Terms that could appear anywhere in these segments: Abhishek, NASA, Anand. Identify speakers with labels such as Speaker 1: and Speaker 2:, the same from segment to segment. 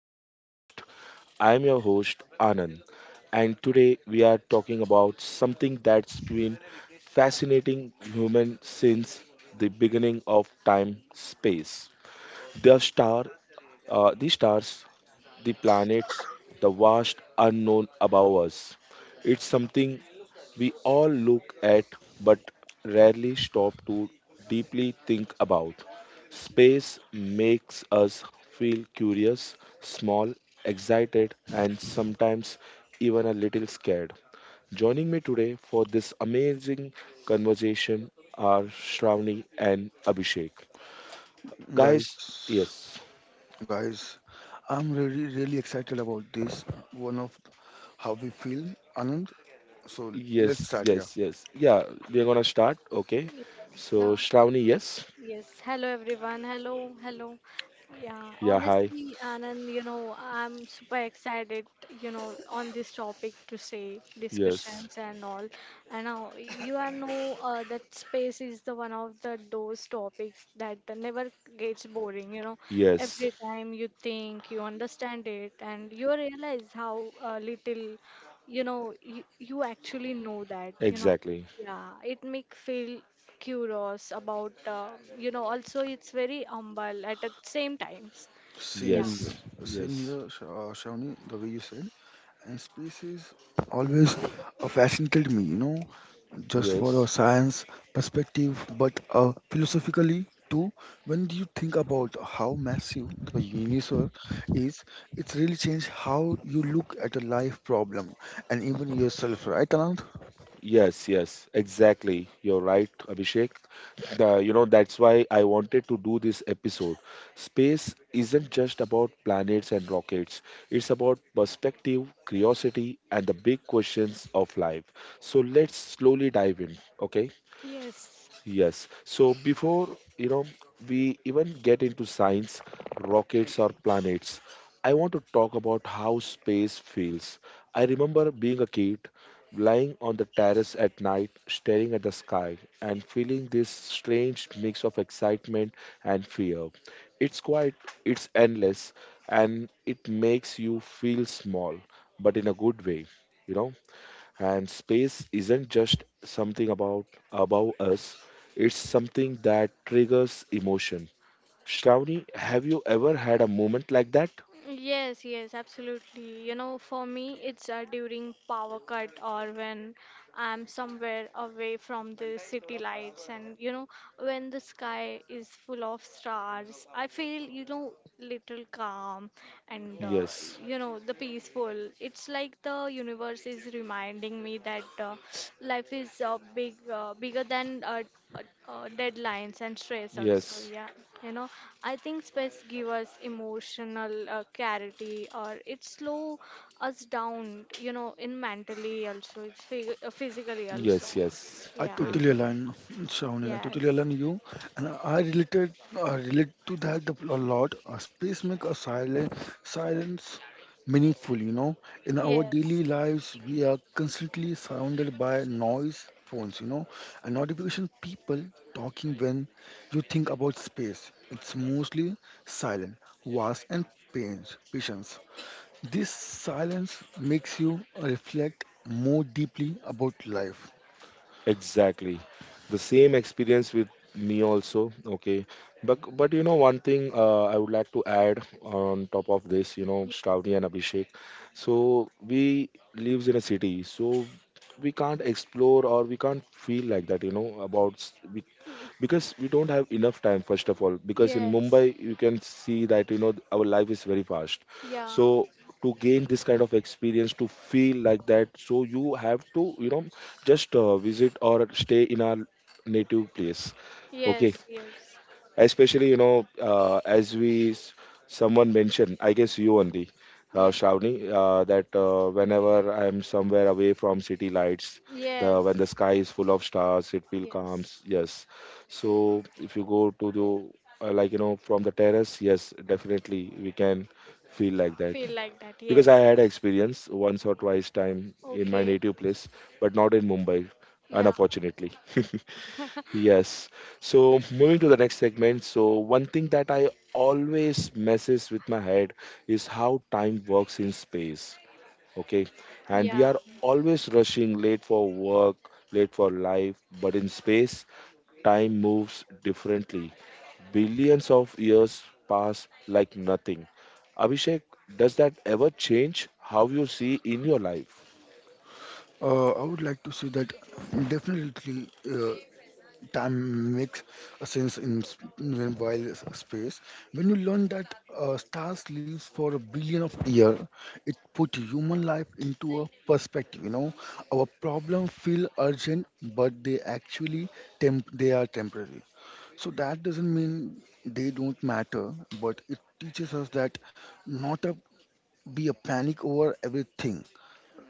Speaker 1: to the podcast. I am your host Anand, and today we are talking about something that's been fascinating human since the beginning of time space. The star the stars, the planets, the vast unknown above us. It's something we all look at but rarely stop to deeply think about. Space makes us feel curious, small, excited, and sometimes even a little scared. Joining me today for this amazing conversation are Shravani and Abhishek. Guys,
Speaker 2: Guys,
Speaker 1: yes.
Speaker 2: guys, I'm really, really excited about this one of how we feel, Anand. So let's
Speaker 1: Yes,
Speaker 2: start, yeah.
Speaker 1: yes, yes. Yeah, we're gonna start. Okay.
Speaker 3: Yes,
Speaker 1: So,
Speaker 3: Yeah.
Speaker 1: Shravani, yes.
Speaker 3: Yes. Hello, everyone. Hello. Hello. Yeah.
Speaker 1: Yeah, hi.
Speaker 3: Honestly, Anand, you know, I'm super excited, you know, on this topic to say
Speaker 1: Yes,
Speaker 3: discussions and all. And now you are know that space is the one of the those topics that never gets boring. You know,
Speaker 1: yes,
Speaker 3: every time you think you understand it, and you realize how little, you know, you actually know that. You know
Speaker 1: exactly.
Speaker 3: yeah, it make feel curious about you know also it's very humble at the same times. Yeah.
Speaker 1: Yes,
Speaker 2: Same
Speaker 1: yes,
Speaker 2: here, Shawnee, the way you said, and space is always fascinated me, you know, just for a
Speaker 1: yes,
Speaker 2: science perspective, but philosophically too. When you think about how massive the universe is, it's really changed how you look at a life problem and even yourself, right, Anand?
Speaker 1: yes, yes, exactly. You're right, Abhishek. That's why I wanted to do this episode. Space isn't just about planets and rockets, it's about perspective, curiosity, and the big questions of life. So, let's slowly dive in. Okay.
Speaker 3: Yes.
Speaker 1: Yes. So before, you know, we even get into science, rockets or planets, I want to talk about how space feels. I remember being a kid, lying on the terrace at night, staring at the sky and feeling this strange mix of excitement and fear. It's quite, it's endless and it makes you feel small, but in a good way, you know. And space isn't just something about above us, it's something that triggers emotion. Shravani, have you ever had a moment like that?
Speaker 3: Yes, absolutely. You know, for me it's during power cut or when I'm somewhere away from the city lights and you know when the sky is full of stars, I feel you know little calm and
Speaker 1: Yes,
Speaker 3: you know the peaceful. It's like the universe is reminding me that life is big bigger than uh, deadlines and stress also.
Speaker 1: yes,
Speaker 3: Yeah, you know I think space give us emotional clarity or it slow us down, you know, in mentally also, it's physically also.
Speaker 1: yes, yes.
Speaker 2: I
Speaker 3: Yeah.
Speaker 2: totally align, Shawnee. I totally
Speaker 3: Yes.
Speaker 2: align you, and I relate to that a lot. Space make a silent silence meaningful. You know, in our
Speaker 3: Yes.
Speaker 2: daily lives, we are constantly surrounded by noise, phones. You know, and notification, people talking. When you think about space, it's mostly silent, vast, and pains, patience. This silence makes you reflect more deeply about life.
Speaker 1: Exactly. The same experience with me also. Okay. But one thing I would like to add on top of this, Shravani and Abhishek. So we lives in a city, so we can't explore or we can't feel like that, about we, because we don't have enough time first of all. Because in
Speaker 3: Yes. Yes.
Speaker 1: Mumbai you can see that, our life is very fast.
Speaker 3: Yeah.
Speaker 1: So to gain this kind of experience to feel like that so you have to just visit or stay in our native place. Okay,
Speaker 3: Yes. Yes.
Speaker 1: especially as someone mentioned I guess you only
Speaker 3: Yes.
Speaker 1: Shravani, that whenever I'm somewhere away from city lights the when the
Speaker 3: Yes,
Speaker 1: sky is full of stars it feels
Speaker 3: yes.
Speaker 1: calms, yes. So if you go to the like from the terrace, yes, definitely we can feel like that,
Speaker 3: Feel like that.
Speaker 1: because
Speaker 3: Yes.
Speaker 1: I had experience once or twice time in my
Speaker 3: Okay.
Speaker 1: native place, but not in Mumbai,
Speaker 3: Yeah.
Speaker 1: unfortunately. Yes. So moving to the next segment. So one thing that I always messes with my head is how time works in space, okay, and we
Speaker 3: Yeah.
Speaker 1: are always rushing late for work, late for life, but in space time moves differently, billions of years pass like nothing. Abhishek, does that ever change how you see in your life?
Speaker 2: I would like to say that definitely time makes a sense in when while space. When you learn that stars lives for a billion of years, it put human life into a perspective. You know, our problems feel urgent, but they actually they are temporary. So that doesn't mean they don't matter, but it teaches us that not to be a panic over everything,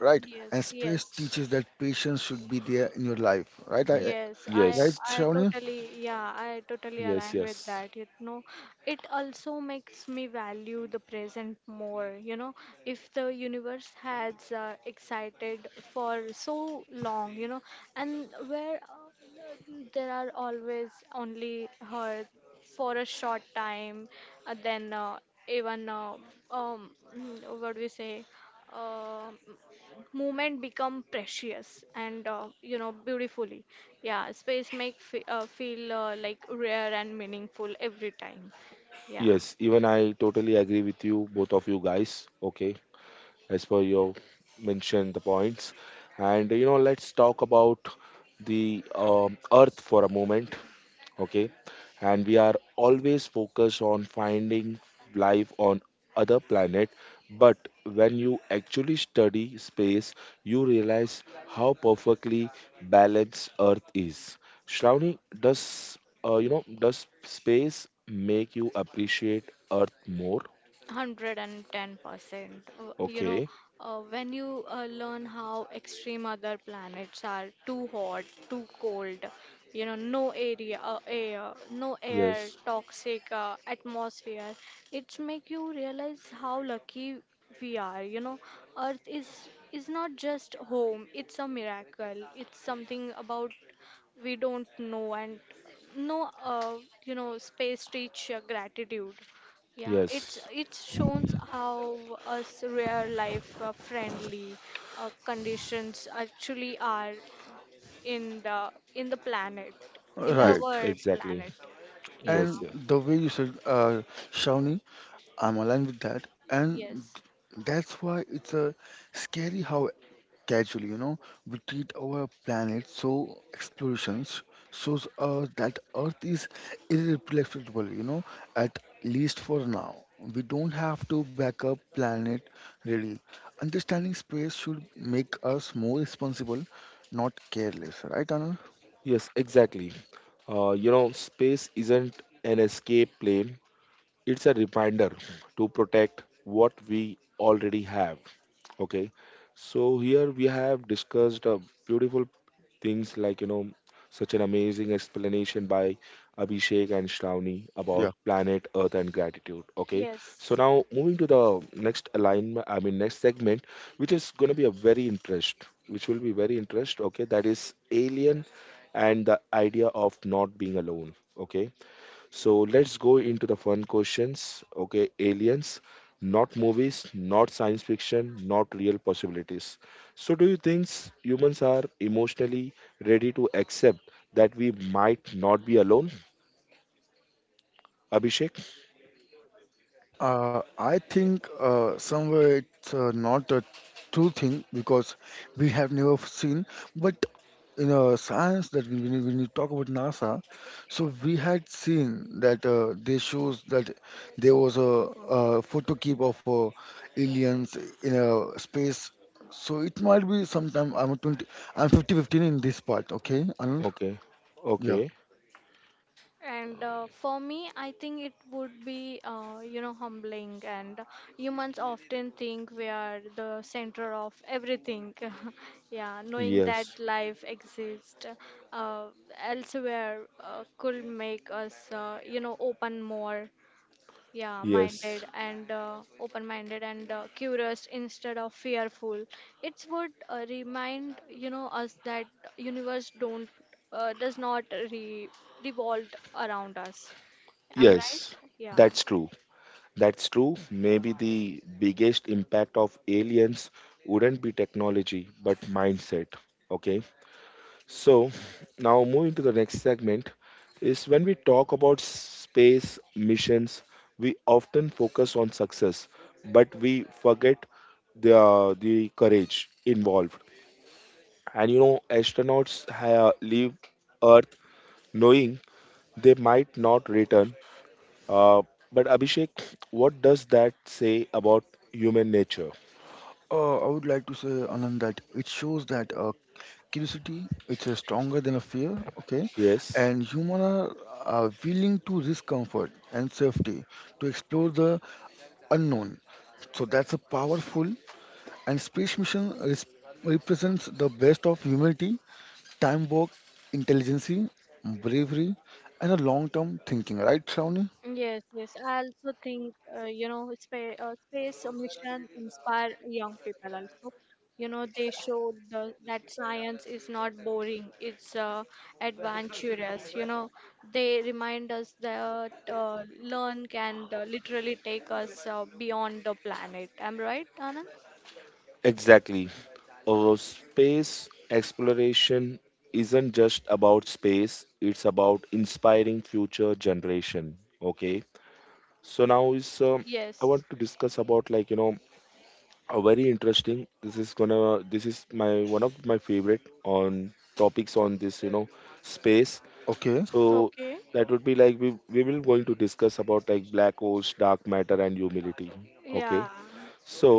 Speaker 2: right? And
Speaker 3: Yes.
Speaker 2: space
Speaker 3: Yes.
Speaker 2: teaches that patience should be there in your life, right?
Speaker 3: Yes, I
Speaker 2: Right,
Speaker 1: Yes,
Speaker 3: I
Speaker 2: Shawnee?
Speaker 3: totally, yeah, I totally
Speaker 1: yes,
Speaker 3: align
Speaker 1: yes,
Speaker 3: with that. You know, it also makes me value the present more. You know, if the universe has excited for so long, you know, and where there are always only her for a short time, then even um what do we say? um, movement become precious and you know beautifully. Yeah, space make feel like rare and meaningful every time. Yeah.
Speaker 1: yes. Even I totally agree with you, both of you guys. Okay, as per your mentioned the points, and let's talk about the earth for a moment. Okay, and we are always focused on finding life on other planet, but when you actually study space you realize how perfectly balanced earth is. Shravani, does space make you appreciate earth more?
Speaker 3: 110%. You know,
Speaker 1: Okay.
Speaker 3: when you learn how extreme other planets are, too hot, too cold, you know, no air,
Speaker 1: Yes,
Speaker 3: toxic atmosphere, it make you realize how lucky we are. You know, Earth is not just home; it's a miracle. It's something about we don't know and no, you know, space teach gratitude. Yeah, it's
Speaker 1: yes,
Speaker 3: it shows how us real life friendly conditions actually are in the planet, in the
Speaker 1: yes,
Speaker 2: Right.
Speaker 3: our
Speaker 1: exactly.
Speaker 3: planet. Yeah.
Speaker 2: And
Speaker 1: Yes, yes,
Speaker 2: the way you said, Shawnee, I'm aligned with that, and
Speaker 3: Yes.
Speaker 2: that's why it's a scary how casually, you know, we treat our planet. So explorations shows us that Earth is irreplaceable, you know, at least for now. We don't have to back up planet really. Understanding space should make us more responsible, not careless, right, Anand?
Speaker 1: yes, exactly. Space isn't an escape plan, it's a reminder to protect what we already have. Okay, so here we have discussed beautiful things like such an amazing explanation by Abhishek and Shravani about planet earth and gratitude. Okay, so
Speaker 3: Yes.
Speaker 1: now moving to the next alignment, I mean next segment, which is going to be a very interest which will be very interest. Okay, that is alien and the idea of not being alone. Okay, so let's go into the fun questions. Okay, aliens, not movies, not science fiction, not real possibilities. So, do you think humans are emotionally ready to accept that we might not be alone? Abhishek?
Speaker 2: I think somewhere it's not a true thing because we have never seen. But in science, when you talk about NASA, so we had seen that they shows that there was a photo keep of aliens in a space. So it might be sometime I'm 20, I'm 50-15 in this part. Okay, Anand?
Speaker 1: Okay,
Speaker 2: Yeah.
Speaker 1: okay,
Speaker 3: And for me, I think it would be, you know, humbling. And humans often think we are the center of everything. Yeah, knowing
Speaker 1: yes,
Speaker 3: that life exists uh, elsewhere could make us, you know, open more, yeah,
Speaker 1: yes,
Speaker 3: minded and open minded and curious instead of fearful. It would remind you know us that universe don't does not re- revolve around us. I'm Yes,
Speaker 1: yes,
Speaker 3: right. Yeah.
Speaker 1: that's true. That's true. Maybe the biggest impact of aliens wouldn't be technology, but mindset. Okay, so, now moving to the next segment is when we talk about space missions, we often focus on success, but we forget the courage involved. And astronauts leave Earth knowing they might not return. Uh, but Abhishek, what does that say about human nature?
Speaker 2: I would like to say, Anand, that it shows that curiosity it's stronger than a fear, okay?
Speaker 1: Yes,
Speaker 2: And human are willing to risk comfort and safety to explore the unknown. So that's a powerful and space mission represents the best of humanity, time work, intelligence, bravery, and a long-term thinking, right, Shravani?
Speaker 3: Yes, yes. I also think, you know, space mission inspire young people also. You know, they show that science is not boring, it's adventurous. You know, they remind us that learn can literally take us beyond the planet. Am I right, Anand?
Speaker 1: exactly. Space exploration isn't just about space, it's about inspiring future generation. Okay, so now is I
Speaker 3: Yes.
Speaker 1: want to discuss about like a very interesting. This is my one of my favorite on topics on this space.
Speaker 2: Okay.
Speaker 1: So
Speaker 3: Okay.
Speaker 1: that would be like we will going to discuss about like black holes, dark matter, and humidity. Okay,
Speaker 3: Yeah.
Speaker 1: so,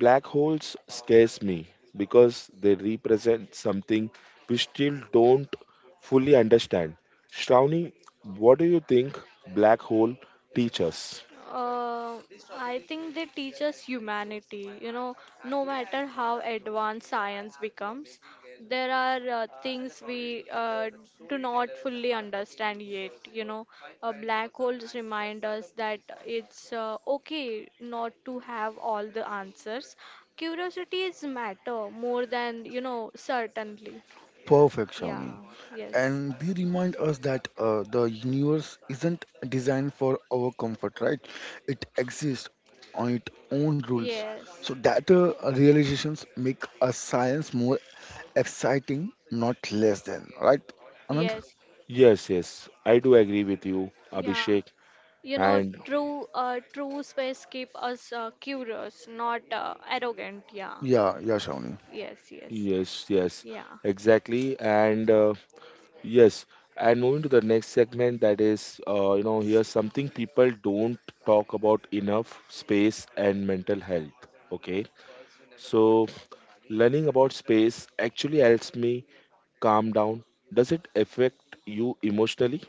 Speaker 1: black holes scares me because they represent something we still don't fully understand. Shravani, what do you think black hole teach us?
Speaker 3: Uh, I think they teach us humanity. You know, no matter how advanced science becomes, there are things we do not fully understand yet. You know, black holes remind us that it's okay not to have all the answers. Curiosity is matter more than, you know, certainly.
Speaker 2: Perfect,
Speaker 3: Yeah,
Speaker 2: Shawnee.
Speaker 3: yes.
Speaker 2: And they remind us that the universe isn't designed for our comfort, right? It exists on its own rules.
Speaker 3: Yes.
Speaker 2: So that realizations make a science more exciting, not less than, right, Anand?
Speaker 3: Yes.
Speaker 1: Yes, yes, I do agree with you,
Speaker 3: Yeah.
Speaker 1: Abhishek.
Speaker 3: You know,
Speaker 1: And
Speaker 3: true space keep us curious, not arrogant. Yeah.
Speaker 2: Yeah, yeah, Shawnee.
Speaker 3: Yes. Yes.
Speaker 1: yes, yes,
Speaker 3: Yeah.
Speaker 1: exactly. And yes, and moving to the next segment, that is, here's something people don't talk about enough space and mental health. Okay, so learning about space actually helps me calm down. Does it affect you emotionally?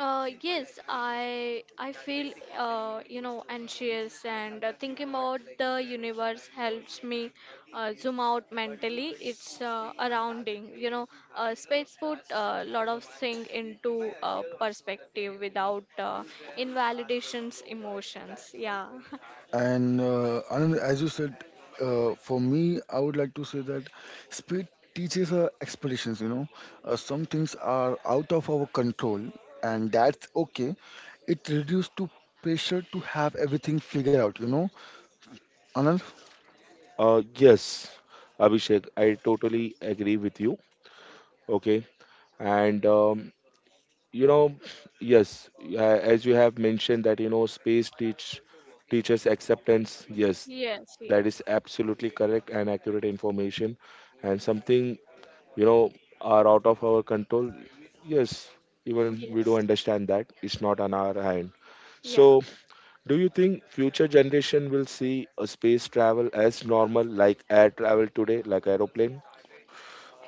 Speaker 3: Yes, I feel you know anxious and thinking about the universe helps me zoom out mentally. It's surrounding, you know, space put a lot of things into perspective without invalidations emotions. Yeah.
Speaker 2: And Anand, as you said, for me, I would like to say that speed teaches expectations. You know, some things are out of our control, and that's okay. It reduces to pressure to have everything figured out. You know, Anand,
Speaker 1: Yes, Abhishek, I totally agree with you. Okay, and you know, yes, as you have mentioned that space teaches acceptance. Yes,
Speaker 3: Yes. Yes.
Speaker 1: that is absolutely correct and accurate information, and something you know are out of our control. Yes, even we do
Speaker 3: Yes.
Speaker 1: understand that it's not on our hand.
Speaker 3: Yeah.
Speaker 1: So do you think future generation will see a space travel as normal like air travel today, like aeroplane?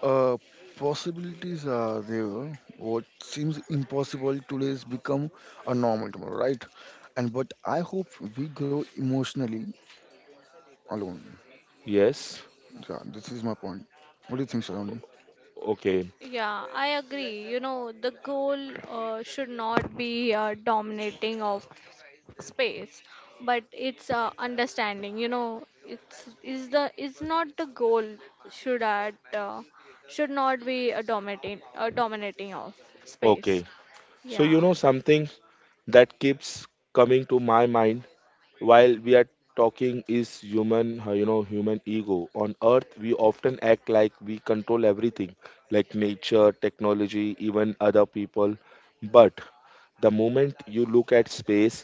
Speaker 2: uh, possibilities are there. What seems impossible today has become a normal tomorrow, right? And but I hope we grow emotionally alone.
Speaker 1: Yes.
Speaker 2: Yeah, this is my point. What do you think, Saloni?
Speaker 1: Okay.
Speaker 3: Yeah, I agree. You know, the goal should not be dominating of space, but it's understanding. You know, it's is the is not the goal should at uh, should not be a dominating of space.
Speaker 1: Okay. So
Speaker 3: Yeah.
Speaker 1: you know something that keeps coming to my mind while we are talking is human you know human ego on earth. We often act like we control everything, like nature, technology, even other people, but the moment you look at space,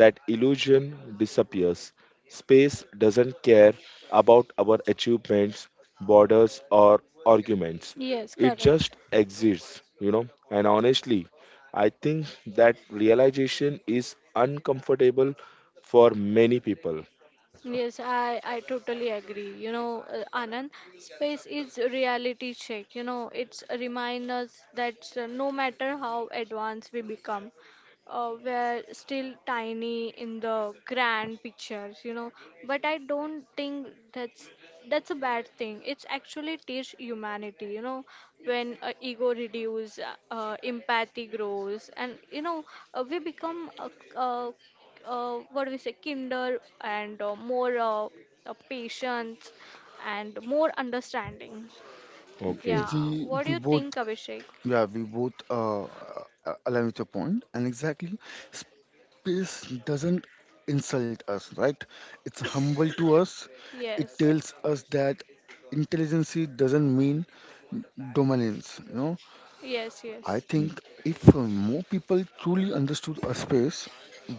Speaker 1: that illusion disappears. Space doesn't care about our achievements, borders, or arguments.
Speaker 3: Yes,
Speaker 1: It
Speaker 3: correct.
Speaker 1: just exists. And honestly I think that realization is uncomfortable for many people.
Speaker 3: Yes, I totally agree. You know, Anand, space is a reality check. You know, it's a remind us that no matter how advanced we become, we're still tiny in the grand pictures. You know, but I don't think that's a bad thing. It's actually teach humanity. You know, when ego reduce, empathy grows, and you know, we become uh, what do we say, kinder and more patience and more understanding.
Speaker 1: Okay.
Speaker 3: Yeah.
Speaker 2: We
Speaker 3: What do
Speaker 2: we
Speaker 3: you
Speaker 2: both,
Speaker 3: think, Abhishek?
Speaker 2: yeah, we both align with your point, and exactly space doesn't insult us, right? It's humble to us. It
Speaker 3: Yes.
Speaker 2: tells us that intelligence doesn't mean dominance, you know.
Speaker 3: Yes. Yes.
Speaker 2: I think if more people truly understood our space,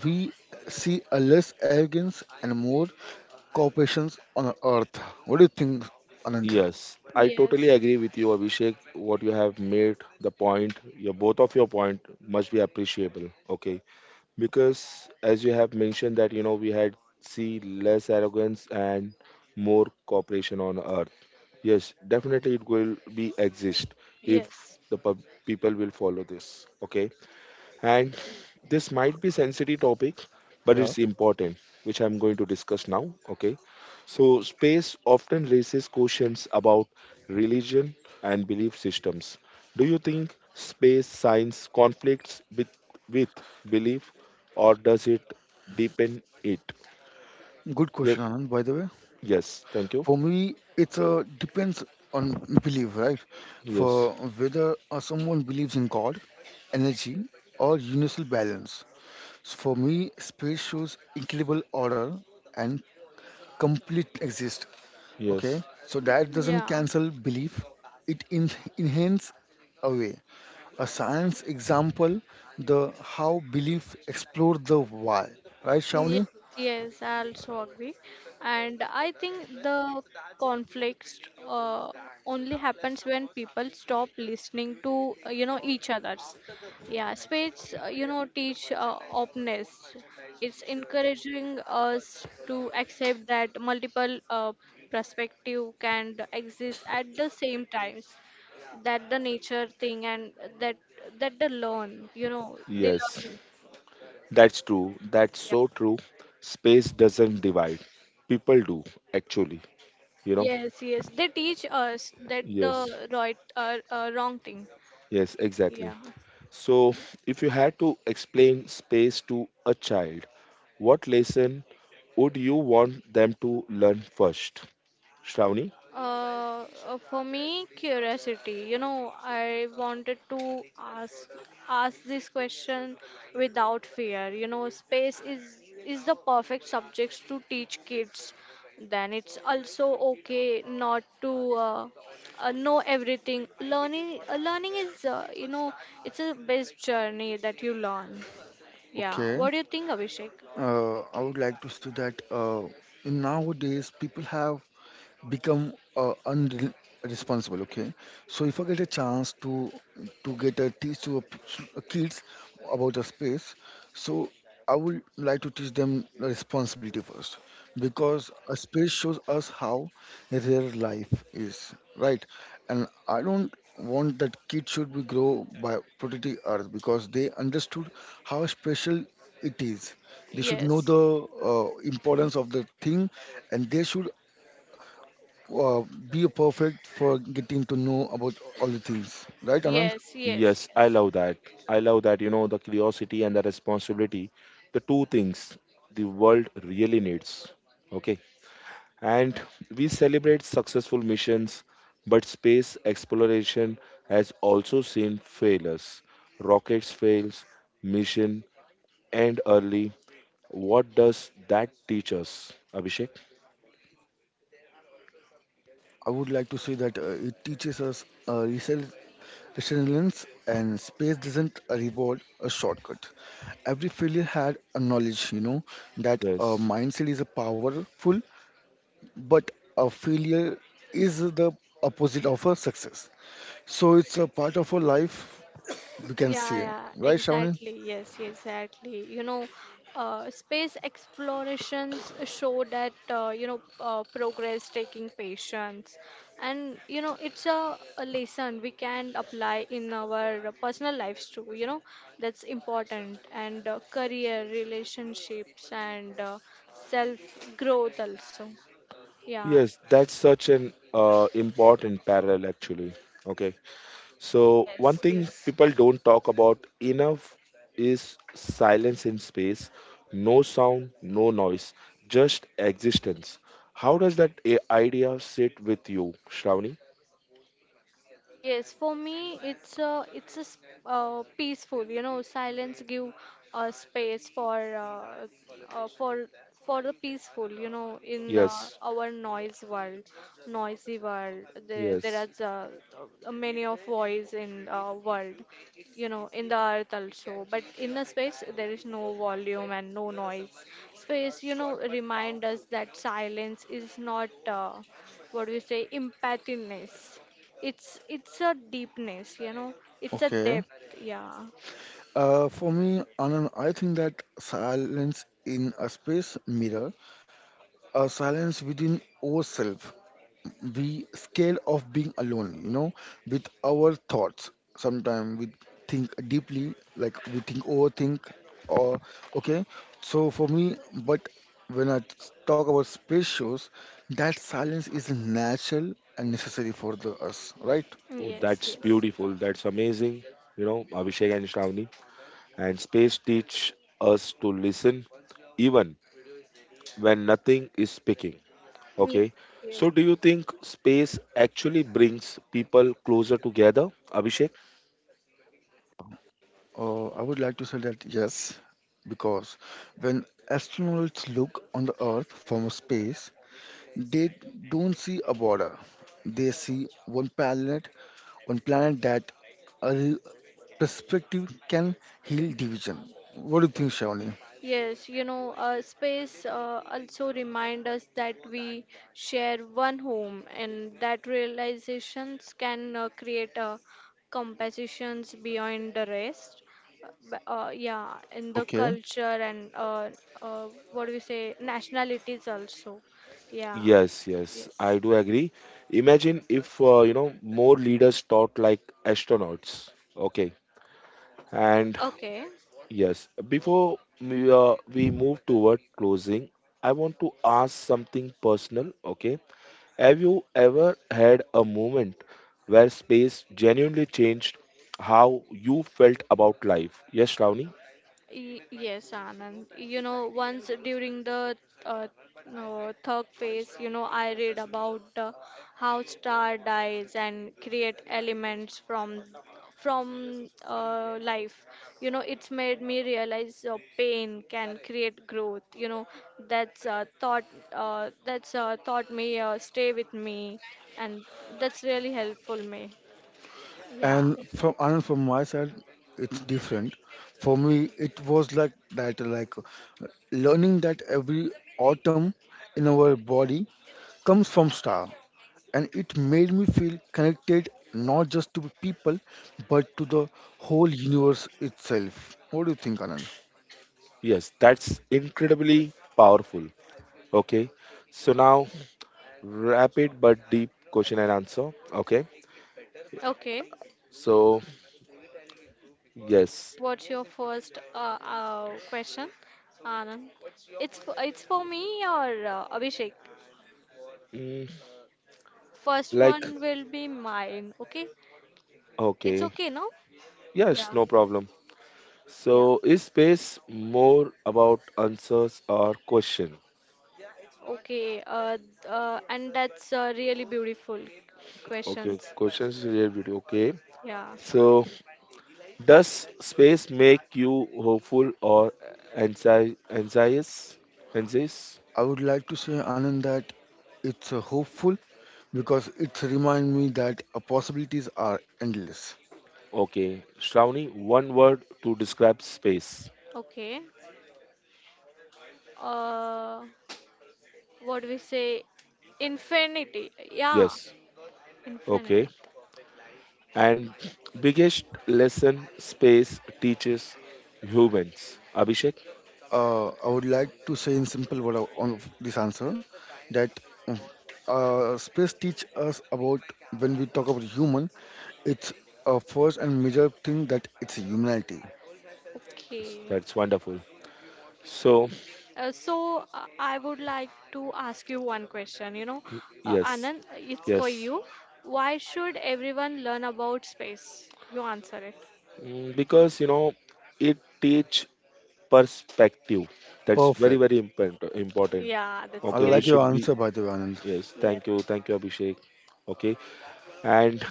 Speaker 2: we see a less arrogance and more cooperations on earth. What do you think, Anand?
Speaker 1: Yes, I
Speaker 3: Yes.
Speaker 1: totally agree with you, Abhishek. What you have made the point, your both of your point must be appreciable. Okay, because as you have mentioned that we had see less arrogance and more cooperation on earth. Yes, definitely it will be exist if
Speaker 3: Yes.
Speaker 1: the people will follow this. Okay. And this might be sensitive topic, but
Speaker 2: Yeah,
Speaker 1: it's important, which I'm going to discuss now. Okay. So space often raises questions about religion and belief systems. Do you think space science conflicts with belief or does it deepen it?
Speaker 2: good question,
Speaker 1: Yes,
Speaker 2: Anand, by the way.
Speaker 1: yes, thank you.
Speaker 2: For me, it's depends on belief, right?
Speaker 1: Yes.
Speaker 2: For whether someone believes in God, energy, or universal balance. So for me, space shows incredible order and complete exist.
Speaker 1: Yes.
Speaker 2: Okay, so that doesn't
Speaker 3: Yeah.
Speaker 2: cancel belief; it enhance away. A science example, the how belief explore the why. Right,
Speaker 3: Ye-
Speaker 2: Shawnee?
Speaker 3: Yes, I also agree. And I think the conflicts uh, only happens when people stop listening to, you know, each others. Yeah, spades, you know, teach openness. It's encouraging us to accept that multiple perspective can exist at the same times. That the nature thing and that that they learn, you know, they
Speaker 1: Yes.
Speaker 3: learn.
Speaker 1: That's true. That's
Speaker 3: Yeah.
Speaker 1: so true. Space doesn't divide. People do, actually. You know?
Speaker 3: Yes, yes, they teach us that
Speaker 1: Yes,
Speaker 3: the right, wrong thing.
Speaker 1: yes,
Speaker 3: Yeah.
Speaker 1: exactly. So, if you had to explain space to a child, what lesson would you want them to learn first? Shravani?
Speaker 3: For me, curiosity. You know, I wanted to ask this question without fear. You know, space is the perfect subject to teach kids. Then it's also okay not to uh, know everything. Learning is you know it's a best journey that you learn. Yeah.
Speaker 2: Okay.
Speaker 3: What do you think, Abhishek?
Speaker 2: I would like to say that in nowadays people have become unresponsible, okay? So if I get a chance to get a teach to a kids about the space, so I would like to teach them the responsibility first, because a space shows us how real life is, right? And I don't want that kids should be grow by protecting earth, because they understood how special it is. They should know
Speaker 3: Yes.
Speaker 2: the importance of the thing, and they should uh, be perfect for getting to know about all the things, right, Anand?
Speaker 3: Yes. Yes.
Speaker 1: Yes, I
Speaker 3: Yes.
Speaker 1: love that. I love that, the curiosity and the responsibility, the two things the world really needs. Okay. And we celebrate successful missions, but space exploration has also seen failures. Rockets fails, mission end early. What does that teach us, Abhishek?
Speaker 2: I would like to say that it teaches us resilience, and space doesn't a reward a shortcut. Every failure had a knowledge, you know, that a
Speaker 1: Yes.
Speaker 2: mindset is a powerful, but a failure is the opposite of a success. So it's a part of our life, we can
Speaker 3: Yeah,
Speaker 2: see,
Speaker 3: yeah,
Speaker 2: right, Shavni?
Speaker 3: exactly. Yes, exactly. You know, space explorations show that you know progress taking patience, and you know it's a lesson we can apply in our personal lives too. You know, that's important, and career, relationships, and self growth also. Yeah.
Speaker 1: Yes, that's such an important parallel actually. Okay. So, one
Speaker 3: Yes.
Speaker 1: thing
Speaker 3: Yes.
Speaker 1: people don't talk about enough is silence in space. No sound, no noise, just existence. How does that idea sit with you, Shravani?
Speaker 3: Yes, for me, it's peaceful. You know, silence give a space for the peaceful. You know, in
Speaker 1: Yes.
Speaker 3: our noisy world, there
Speaker 1: Yes.
Speaker 3: are many of voice in world. You know, in the earth also, but in the space there is no volume and no noise. Space, you know, remind us that silence is not what do you say, empathiness, it's a deepness, you know. It's a
Speaker 2: Okay.
Speaker 3: depth. Yeah.
Speaker 2: For me, Anand, I think that silence in a space mirror, a silence within ourselves. We scared of being alone, you know, with our thoughts. Sometimes we think deeply, like we think overthink, or okay. So for me, but when I talk about space shows, that silence is natural and necessary for the us, right?
Speaker 1: Oh,
Speaker 3: Yes.
Speaker 1: that's
Speaker 3: Yes.
Speaker 1: beautiful. That's amazing. You know, Abhishek and Shravani. And space teach us to listen even when nothing is speaking.
Speaker 3: Yes.
Speaker 1: Okay.
Speaker 3: Yes.
Speaker 1: So, do you think space actually brings people closer together, Abhishek?
Speaker 2: I would like to say that yes, because when astronauts look on the Earth from space, they don't see a border. They see one planet that a re- perspective can heal division. What do you think, Shawnee?
Speaker 3: Yes, you know, space also remind us that we share one home, and that realizations can create compositions beyond the rest. Yeah, in the
Speaker 2: Okay.
Speaker 3: culture and what do we say, nationalities also. Yeah,
Speaker 1: Yes, yes,
Speaker 3: yes.
Speaker 1: I do agree. Imagine if, more leaders thought like astronauts. Okay. And
Speaker 3: Okay.
Speaker 1: yes, before we move toward closing, I want to ask something personal. Okay. Have you ever had a moment where space genuinely changed how you felt about life? Yes, Shravani?
Speaker 3: Yes, Anand. You know, once during the uh, no, third phase, you know, I read about how star dies and create elements from life. You know, it's made me realize pain can create growth. You know, that's uh, thought that's taught me stay with me, and that's really helpful me. Yeah.
Speaker 2: And from Anand, from my side, it's different. For me, it was like that, like learning that every atom in our body comes from star. And it made me feel connected not just to people but to the whole universe itself. What do you think, Anand?
Speaker 1: Yes, that's incredibly powerful. Okay, so now rapid but deep question and answer. Okay,
Speaker 3: Okay.
Speaker 1: so yes,
Speaker 3: What's your first question, Anand? It's for me or Abhishek?
Speaker 1: mm,
Speaker 3: First
Speaker 1: like,
Speaker 3: one will be mine, okay? It's
Speaker 1: okay,
Speaker 3: okay, no?
Speaker 1: yes,
Speaker 3: Yeah,
Speaker 1: no problem.
Speaker 3: yeah,
Speaker 1: So, is space more about answers or question?
Speaker 3: okay. And that's really beautiful questions.
Speaker 1: Okay, questions related. Okay,
Speaker 3: Yeah,
Speaker 1: so does space make you hopeful or anxious? Anxious?
Speaker 2: I would like to say, Anand, that it's hopeful because it reminds me that possibilities are endless.
Speaker 1: Okay. Shravani, one word to describe space.
Speaker 3: okay. Uh, what do we say? Infinity. Yeah,
Speaker 1: Yes. Okay.
Speaker 3: infinite.
Speaker 1: And biggest lesson space teaches humans. Abhishek?
Speaker 2: I would like to say in simple word of- on this answer that mm, space teach us about when we talk about human, it's a first and major thing that it's humanity.
Speaker 1: Yes,
Speaker 3: Okay.
Speaker 1: that's wonderful. So,
Speaker 3: So I would like to ask you one question. You know,
Speaker 1: yes,
Speaker 3: Anand, it's for
Speaker 1: yes.
Speaker 3: you. Why should everyone learn about space? You answer it.
Speaker 1: Because, it teach perspective. That's very,
Speaker 2: Perfect.
Speaker 1: very important.
Speaker 3: Yeah, that's
Speaker 2: I
Speaker 1: Okay, we
Speaker 2: like
Speaker 3: great.
Speaker 2: your
Speaker 1: should be,
Speaker 2: answer, by the way, Anand.
Speaker 1: yes, thank you, Abhishek. Okay, and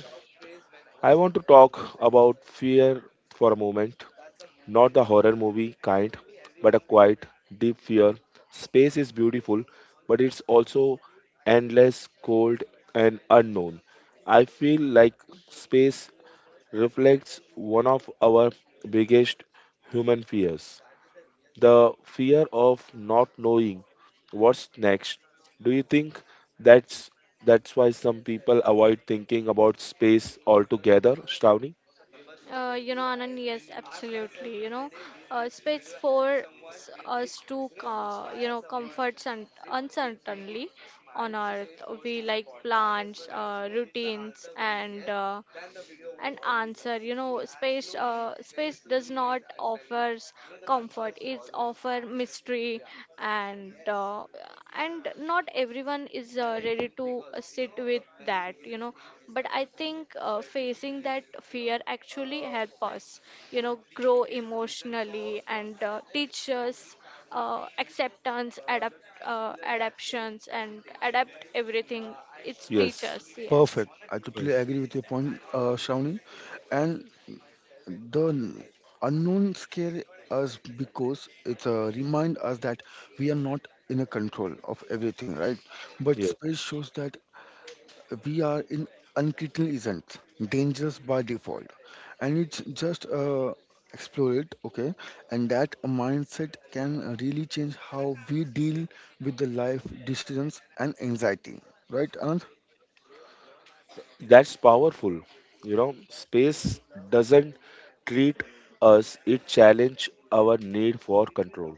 Speaker 1: I want to talk about fear for a moment. Not the horror movie kind, but a quiet, deep fear. Space is beautiful, but it's also endless, cold, and unknown. I feel like space reflects one of our biggest human fears, the fear of not knowing what's next. Do you think that's that's why some people avoid thinking about space altogether, Shravani?
Speaker 3: You know, Anand, yes, absolutely. You know, space for us to, you know, comfort uncertainly on Earth. We like plants, routines, and answer. You know, space does not offers comfort. It's offer mystery, and uh, and not everyone is ready to sit with that. You know, but I think facing that fear actually help us, you know, grow emotionally and teach us acceptance adapt adaptations and adapt everything, it's teach
Speaker 1: Yes,
Speaker 3: us. Yes,
Speaker 2: Perfect. I totally
Speaker 1: yes,
Speaker 2: agree with your point, Shawnee. And the unknown scare us because it remind us that we are not in a control of everything, right? But
Speaker 1: yeah.
Speaker 2: space shows that we are in uncritical isn't dangerous by default, and it's just explore it, okay? And that mindset can really change how we deal with the life decisions and anxiety, right, Anand?
Speaker 1: That's powerful. Space doesn't treat us, it challenge our need for control.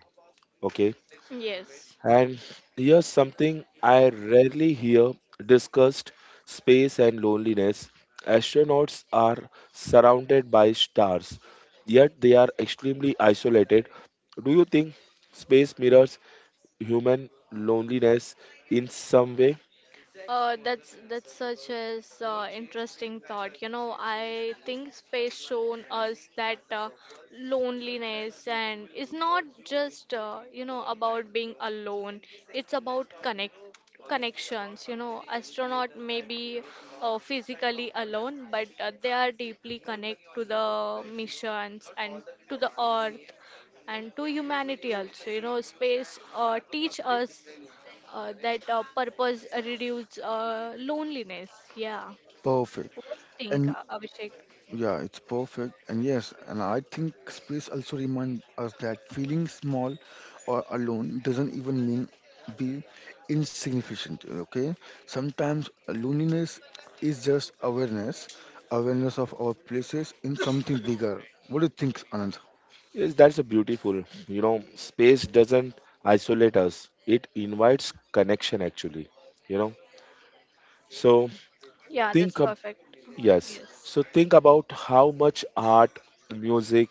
Speaker 1: Okay.
Speaker 3: yes.
Speaker 1: And here's something I rarely hear discussed space and loneliness. Astronauts are surrounded by stars, yet they are extremely isolated. Do you think space mirrors human loneliness in some way?
Speaker 3: That's such as interesting thought. You know, I think space shown us that loneliness and it's not just you know about being alone. It's about connections. You know, astronaut may be physically alone, but they are deeply connected to the missions and to the Earth and to humanity also. You know, space teach us that purpose reduce loneliness. Yeah,
Speaker 2: Perfect.
Speaker 3: what do you think,
Speaker 2: And
Speaker 3: Abhishek?
Speaker 2: yeah, it's perfect. And yes, and I think space also reminds us that feeling small or alone doesn't even mean be insignificant. Okay. Sometimes loneliness is just awareness, awareness of our places in something bigger. What do you think, Anand?
Speaker 1: Yes, that's a beautiful. You know, space doesn't isolate us, it invites connection actually. You know, so
Speaker 3: Yeah, that's
Speaker 1: think
Speaker 3: perfect.
Speaker 1: Yes.
Speaker 3: Yes.
Speaker 1: So think about how much art, music,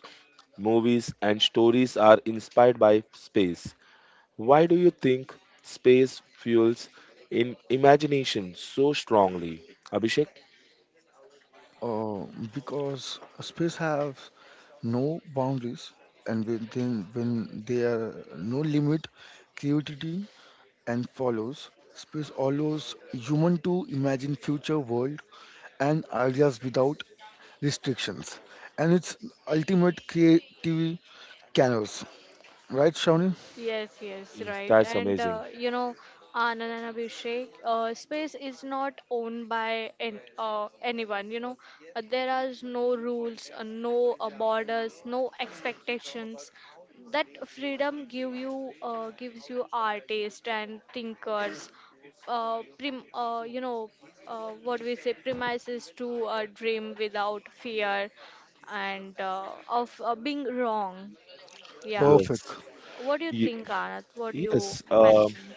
Speaker 1: movies, and stories are inspired by space. Why do you think space fuels in imagination so strongly? Abhishek?
Speaker 2: Uh, because space have no boundaries, and within when there are no limit, creativity and follows. Space allows human to imagine future world and ideas without restrictions, and it's ultimate creative canvas. Right, Shawnee?
Speaker 3: Yes, yes,
Speaker 1: Yes.
Speaker 3: right.
Speaker 1: That's
Speaker 3: And
Speaker 1: amazing.
Speaker 3: you know, Anand and Abhishek, space is not owned by anyone. You know, there are no rules, no borders, no expectations. That freedom gives you artists and thinkers, you know, what we say, premises to dream without fear and of being wrong. Yeah.
Speaker 1: Yes.
Speaker 2: Perfect,
Speaker 3: What do you
Speaker 1: Ye-
Speaker 3: think, Anat? What do you
Speaker 1: yes.
Speaker 3: mention?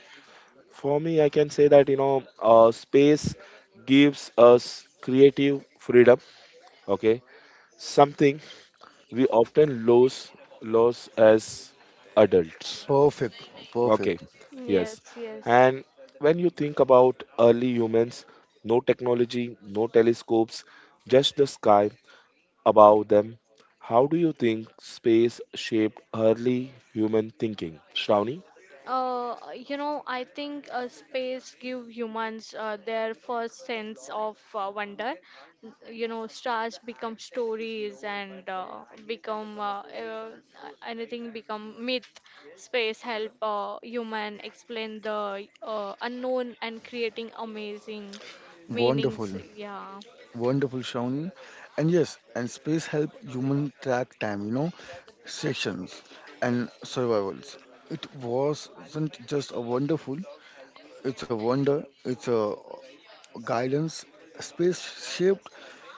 Speaker 1: For me, I can say that, space gives us creative freedom. Okay. Something we often lose as adults.
Speaker 2: perfect,
Speaker 1: Okay,
Speaker 2: perfect.
Speaker 1: yes.
Speaker 3: Yes, yes.
Speaker 1: And when you think about early humans, no technology, no telescopes, just the sky above them, how do you think space shaped early human thinking? Shravani?
Speaker 3: You know, I think space give humans their first sense of wonder. You know, stars become stories and become anything become myth. Space help human explain the unknown and creating amazing meanings.
Speaker 2: Wonderful,
Speaker 3: Yeah.
Speaker 2: wonderful, Shawnee. And yes, and space help human track time. You know, sessions and survivals. It wasn't just a wonderful, it's a wonder, it's a guidance, space shaped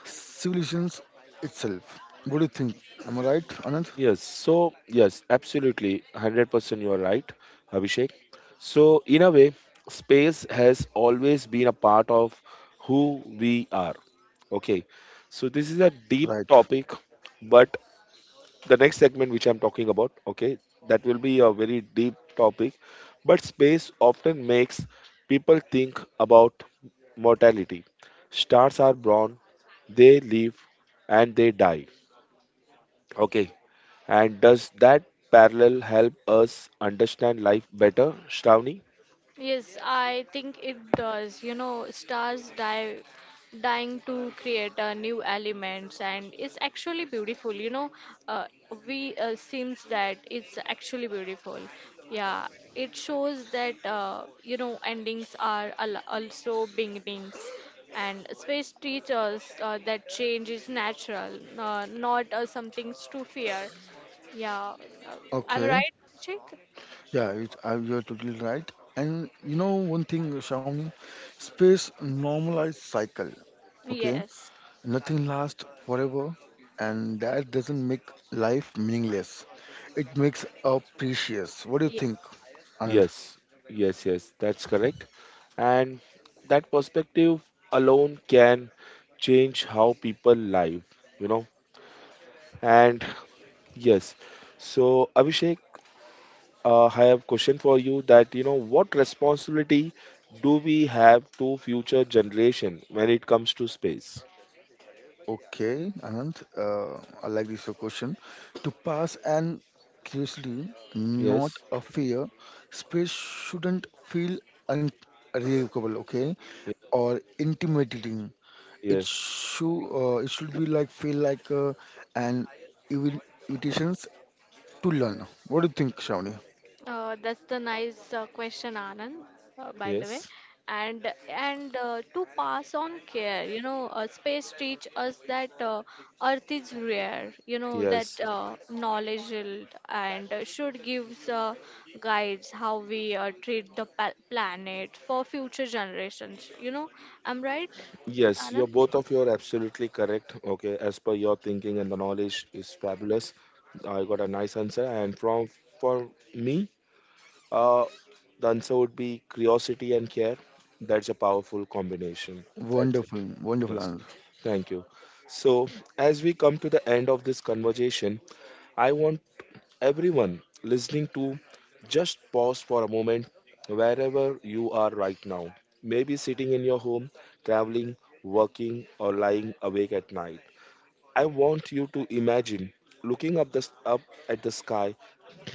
Speaker 2: civilizations itself. What do you think? Am I right, Anand?
Speaker 1: Yes, so yes, absolutely, 100% you are right, Abhishek. So, in a way, space has always been a part of who we are. Okay, so this is a deep
Speaker 2: Right.
Speaker 1: topic, but the next segment which I'm talking about, okay, that will be a very deep topic. But space often makes people think about mortality. Stars are born, they live, and they die. Okay. And does that parallel help us understand life better, Shravani?
Speaker 3: Yes, I think it does. You know, stars die dying to create new elements and it's actually beautiful, you know. uh, we seems that it's actually beautiful. Yeah, it shows that you know endings are also beginnings, and space teaches that change is natural, not something to fear. Yeah. uh, I'm
Speaker 2: Okay.
Speaker 3: right, Abhishek?
Speaker 2: Yeah, it, I, you're totally right. And you know one thing, Shawnee, space normalized cycle. Okay,
Speaker 3: Yes.
Speaker 2: nothing lasts forever, and that doesn't make life meaningless. It makes a precious. What do you
Speaker 3: Ye-
Speaker 2: think, Anand?
Speaker 1: Yes, yes, yes, that's correct. And that perspective alone can change how people live, you know and yes. So, Abhishek, I have a question for you that, you know, what responsibility do we have to future generation when it comes to space?
Speaker 2: Okay, Anant, I like this your question. To pass and curiosity, not
Speaker 1: Yes.
Speaker 2: a fear, space shouldn't feel unrecoverable, okay,
Speaker 1: Ye-
Speaker 2: or intimidating.
Speaker 1: Yes.
Speaker 2: It should be like feel like an invi- invitations to learn. What do you think, Shawnee?
Speaker 3: that's the nice question, Anand, by the way.
Speaker 1: Yes.
Speaker 3: And to pass on care, you know, space teach us that Earth is rare, you know,
Speaker 1: Yes.
Speaker 3: that knowledge will- and should gives guides how we treat the planet for future generations. You know, I'm right,
Speaker 1: Yes. You're
Speaker 3: Anand?
Speaker 1: both of you are absolutely correct. Okay. As per your thinking and the knowledge is fabulous. I got a nice answer. And from for me, uh, the answer would be curiosity and care. That's a powerful combination. That's it.
Speaker 2: Wonderful, wonderful
Speaker 1: Yes,
Speaker 2: answer.
Speaker 1: thank you. So, as we come to the end of this conversation, I want everyone listening to just pause for a moment wherever you are right now. Maybe sitting in your home, traveling, working, or lying awake at night. I want you to imagine looking up at the sky,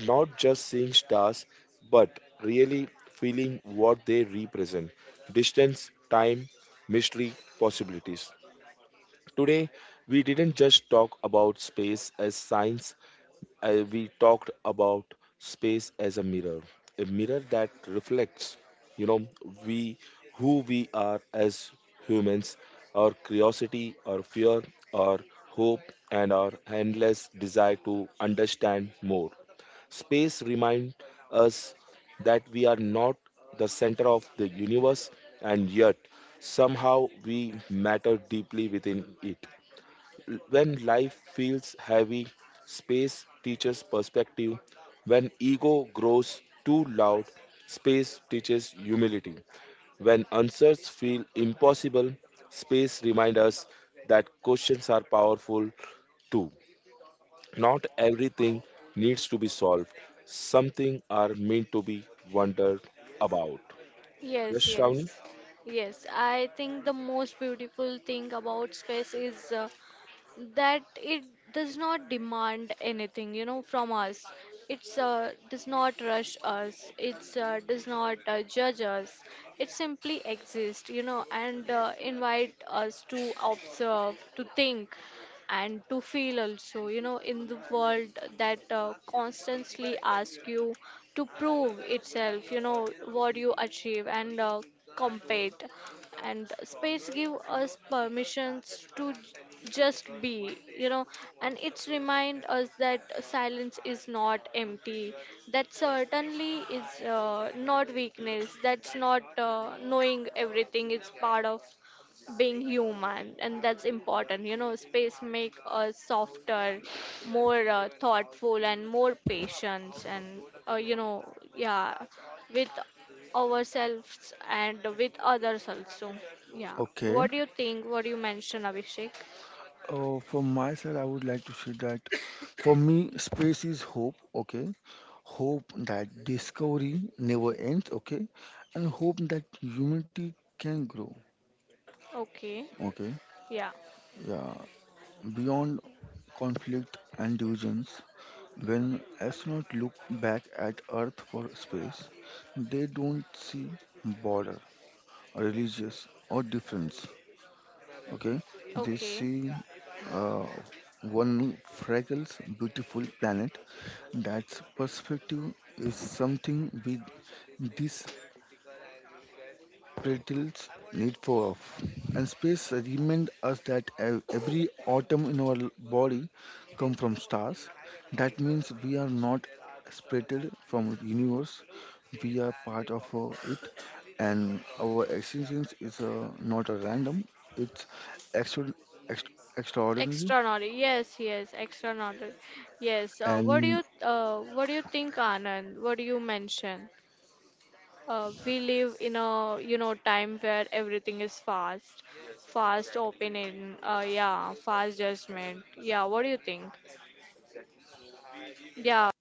Speaker 1: not just seeing stars, but really feeling what they represent: distance, time, mystery, possibilities. Today, we didn't just talk about space as science, we talked about space as a mirror that reflects, you know, we who we are as humans, our curiosity, our fear, our hope, and our endless desire to understand more. Space reminds us that we are not the center of the universe, and yet somehow we matter deeply within it. When life feels heavy, space teaches perspective. When ego grows too loud, space teaches humility. When answers feel impossible, space reminds us that questions are powerful too. Not everything needs to be solved, something are meant to be wondered about.
Speaker 3: Yes,
Speaker 1: Yes,
Speaker 3: yes,
Speaker 1: Shravani?
Speaker 3: yes. I think the most beautiful thing about space is that it does not demand anything, you know, from us. It's does not rush us, it's does not judge us, it simply exists, you know, and invite us to observe, to think, and to feel also, you know, in the world that constantly ask you to prove itself, you know, what you achieve and compete, and space give us permissions to just be, you know, and it's remind us that silence is not empty, that certainly is not weakness, that's not knowing everything, it's part of being human, and that's important, you know, space make us softer, more thoughtful and more patient and you know, yeah, with ourselves and with others also. Yeah.
Speaker 2: Okay.
Speaker 3: What do you think, what do you mention, Abhishek?
Speaker 2: From my side, I would like to say that for me, space is hope. Okay, hope that discovery never ends, okay? And hope that humanity can grow,
Speaker 3: Okay,
Speaker 2: okay?
Speaker 3: yeah,
Speaker 2: Yeah, beyond conflict and divisions. When astronauts look back at Earth for space, they don't see border, religious, or difference, okay? They
Speaker 3: okay.
Speaker 2: see uh, one fragile, beautiful planet. That's perspective is something we this. Brittle's need for off. And space remind us that every atom in our body come from stars. That means we are not separated from universe. We are part of it, and our existence is not a random. It's extra, ext- extraordinary.
Speaker 3: Extraordinary, yes, yes, extraordinary, yes. Uh, what do
Speaker 2: And
Speaker 3: you, uh, what do you think, Anand? What do you mention? We live in a, you know, time where everything is fast, fast opinion, yeah, fast judgment. Yeah, what do you think? Yeah,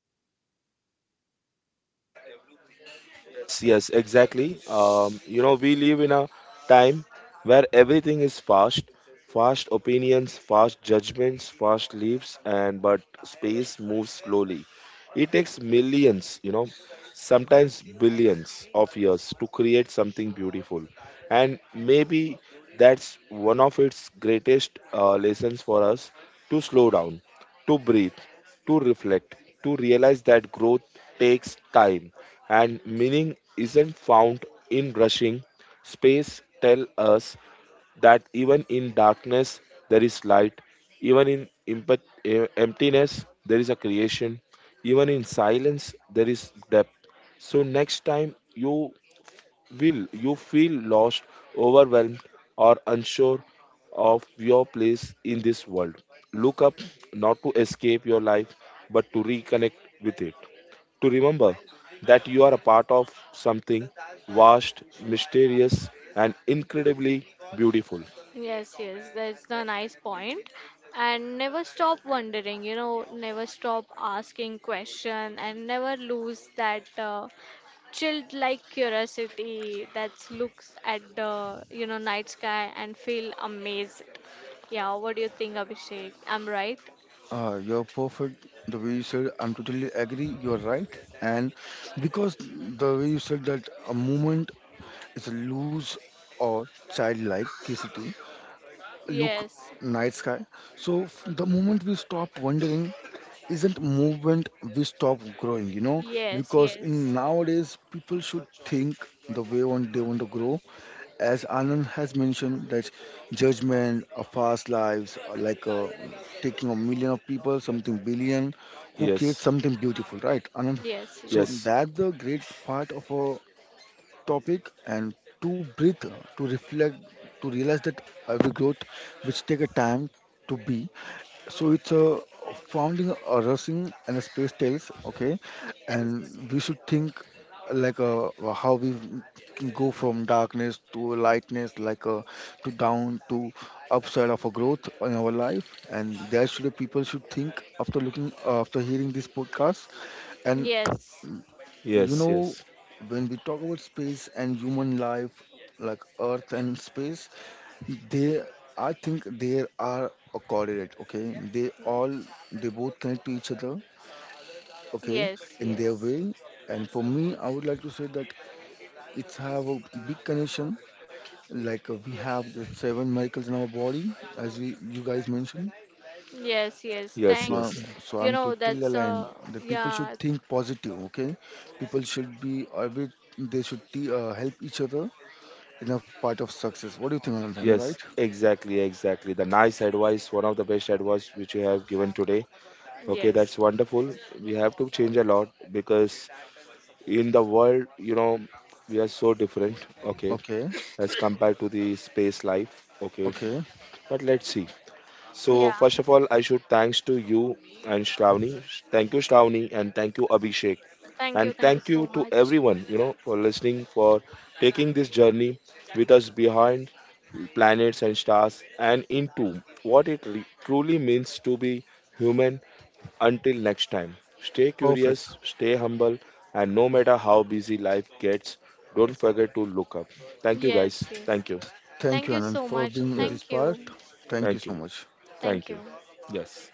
Speaker 1: Yes, exactly. You know, we live in a time where everything is fast, fast opinions, fast judgments, fast leaps, and but space moves slowly. It takes millions, you know, sometimes billions of years to create something beautiful. And maybe that's one of its greatest lessons for us to slow down, to breathe, to reflect, to realize that growth takes time and meaning isn't found in rushing. Space tells us that even in darkness there is light, even in emptiness there is a creation, even in silence there is depth. So next time you will you feel lost, overwhelmed, or unsure of your place in this world? Look up not to escape your life, but to reconnect with it. To remember that you are a part of something vast, mysterious, and incredibly beautiful.
Speaker 3: yes, yes, that's the nice point. And never stop wondering, you know, never stop asking question and never lose that. Chilled like curiosity that looks at the you know night sky and feel amazed. Yeah, what do you think, Abhishek? I'm right.
Speaker 2: you're perfect. The way you said, I'm totally agree. You're right. And because the way you said that a moment. It's a loose or childlike curiosity. Look,
Speaker 3: Yes,
Speaker 2: night sky. So the moment we stop wondering, isn't movement we stop growing? You know,
Speaker 3: yes,
Speaker 2: because in
Speaker 3: yes,
Speaker 2: nowadays people should think the way on they want to grow. As Anand has mentioned, that judgment, a fast lives, like taking a million of people, something billion, who create
Speaker 1: Yes,
Speaker 2: something beautiful, right, Anand?
Speaker 3: yes,
Speaker 2: So
Speaker 1: yes,
Speaker 2: that's the great part of a topic and to breathe, to reflect, to realize that every growth which take a time to be. So it's a founding a rushing and a space tales, okay? And we should think like how we can go from darkness to lightness, like to down to upside of a growth in our life. And that should people should think after looking after hearing this podcast. And
Speaker 3: yes,
Speaker 2: you
Speaker 1: yes,
Speaker 2: know,
Speaker 1: yes,
Speaker 2: when we talk about space and human life, like Earth and space, they, I think they are a correlate, okay? They all, they both connect to each other, okay,
Speaker 3: yes,
Speaker 2: in their
Speaker 3: yes,
Speaker 2: way. And for me, I would like to say that it's have a big
Speaker 3: yes.
Speaker 2: connection. Like we have the seven miracles in our body, as you, you guys mentioned.
Speaker 3: Yes, yes.
Speaker 1: yes,
Speaker 2: So, I'm-
Speaker 1: yes.
Speaker 3: Thanks.
Speaker 1: Yeah.
Speaker 2: so
Speaker 3: You
Speaker 2: I'm
Speaker 3: know,
Speaker 2: totally
Speaker 3: that's uh,
Speaker 2: aligned that people should
Speaker 3: yeah,
Speaker 2: think positive, okay? People should be, every, they should help each other enough part of success. What do you think, Anand? Am I right?
Speaker 1: Yes, exactly, exactly. The nice advice, one of the best advice which you have given today. Okay,
Speaker 3: yes.
Speaker 1: that's wonderful. We have to change a lot because in the world, you know, we are so different, okay,
Speaker 2: Okay,
Speaker 1: as compared to the space life, okay.
Speaker 2: okay,
Speaker 1: But let's see. So,
Speaker 3: Yeah.
Speaker 1: first of all, I should thanks to you and Shravani. Thank you, Shravani, and thank you, Abhishek.
Speaker 3: Thank you.
Speaker 1: And
Speaker 3: Thank you
Speaker 1: thank you
Speaker 3: so
Speaker 1: to
Speaker 3: much.
Speaker 1: everyone, you know, for listening, for taking this journey with us behind planets and stars and into what it truly means to be human. Until next time, stay
Speaker 2: perfect.
Speaker 1: curious, stay humble, and no matter how busy life gets, don't forget to look up. Thank you, guys.
Speaker 3: Yes, yes.
Speaker 1: Thank you.
Speaker 2: Thank
Speaker 3: Thank
Speaker 2: you,
Speaker 3: you
Speaker 2: Anand,
Speaker 3: so
Speaker 2: for
Speaker 3: much.
Speaker 2: being
Speaker 1: Yeah,
Speaker 2: this
Speaker 3: Thank you.
Speaker 2: part. Thank you
Speaker 1: thank
Speaker 2: so
Speaker 1: you.
Speaker 2: much.
Speaker 3: Thank
Speaker 1: Thank you.
Speaker 3: you.
Speaker 1: Yes.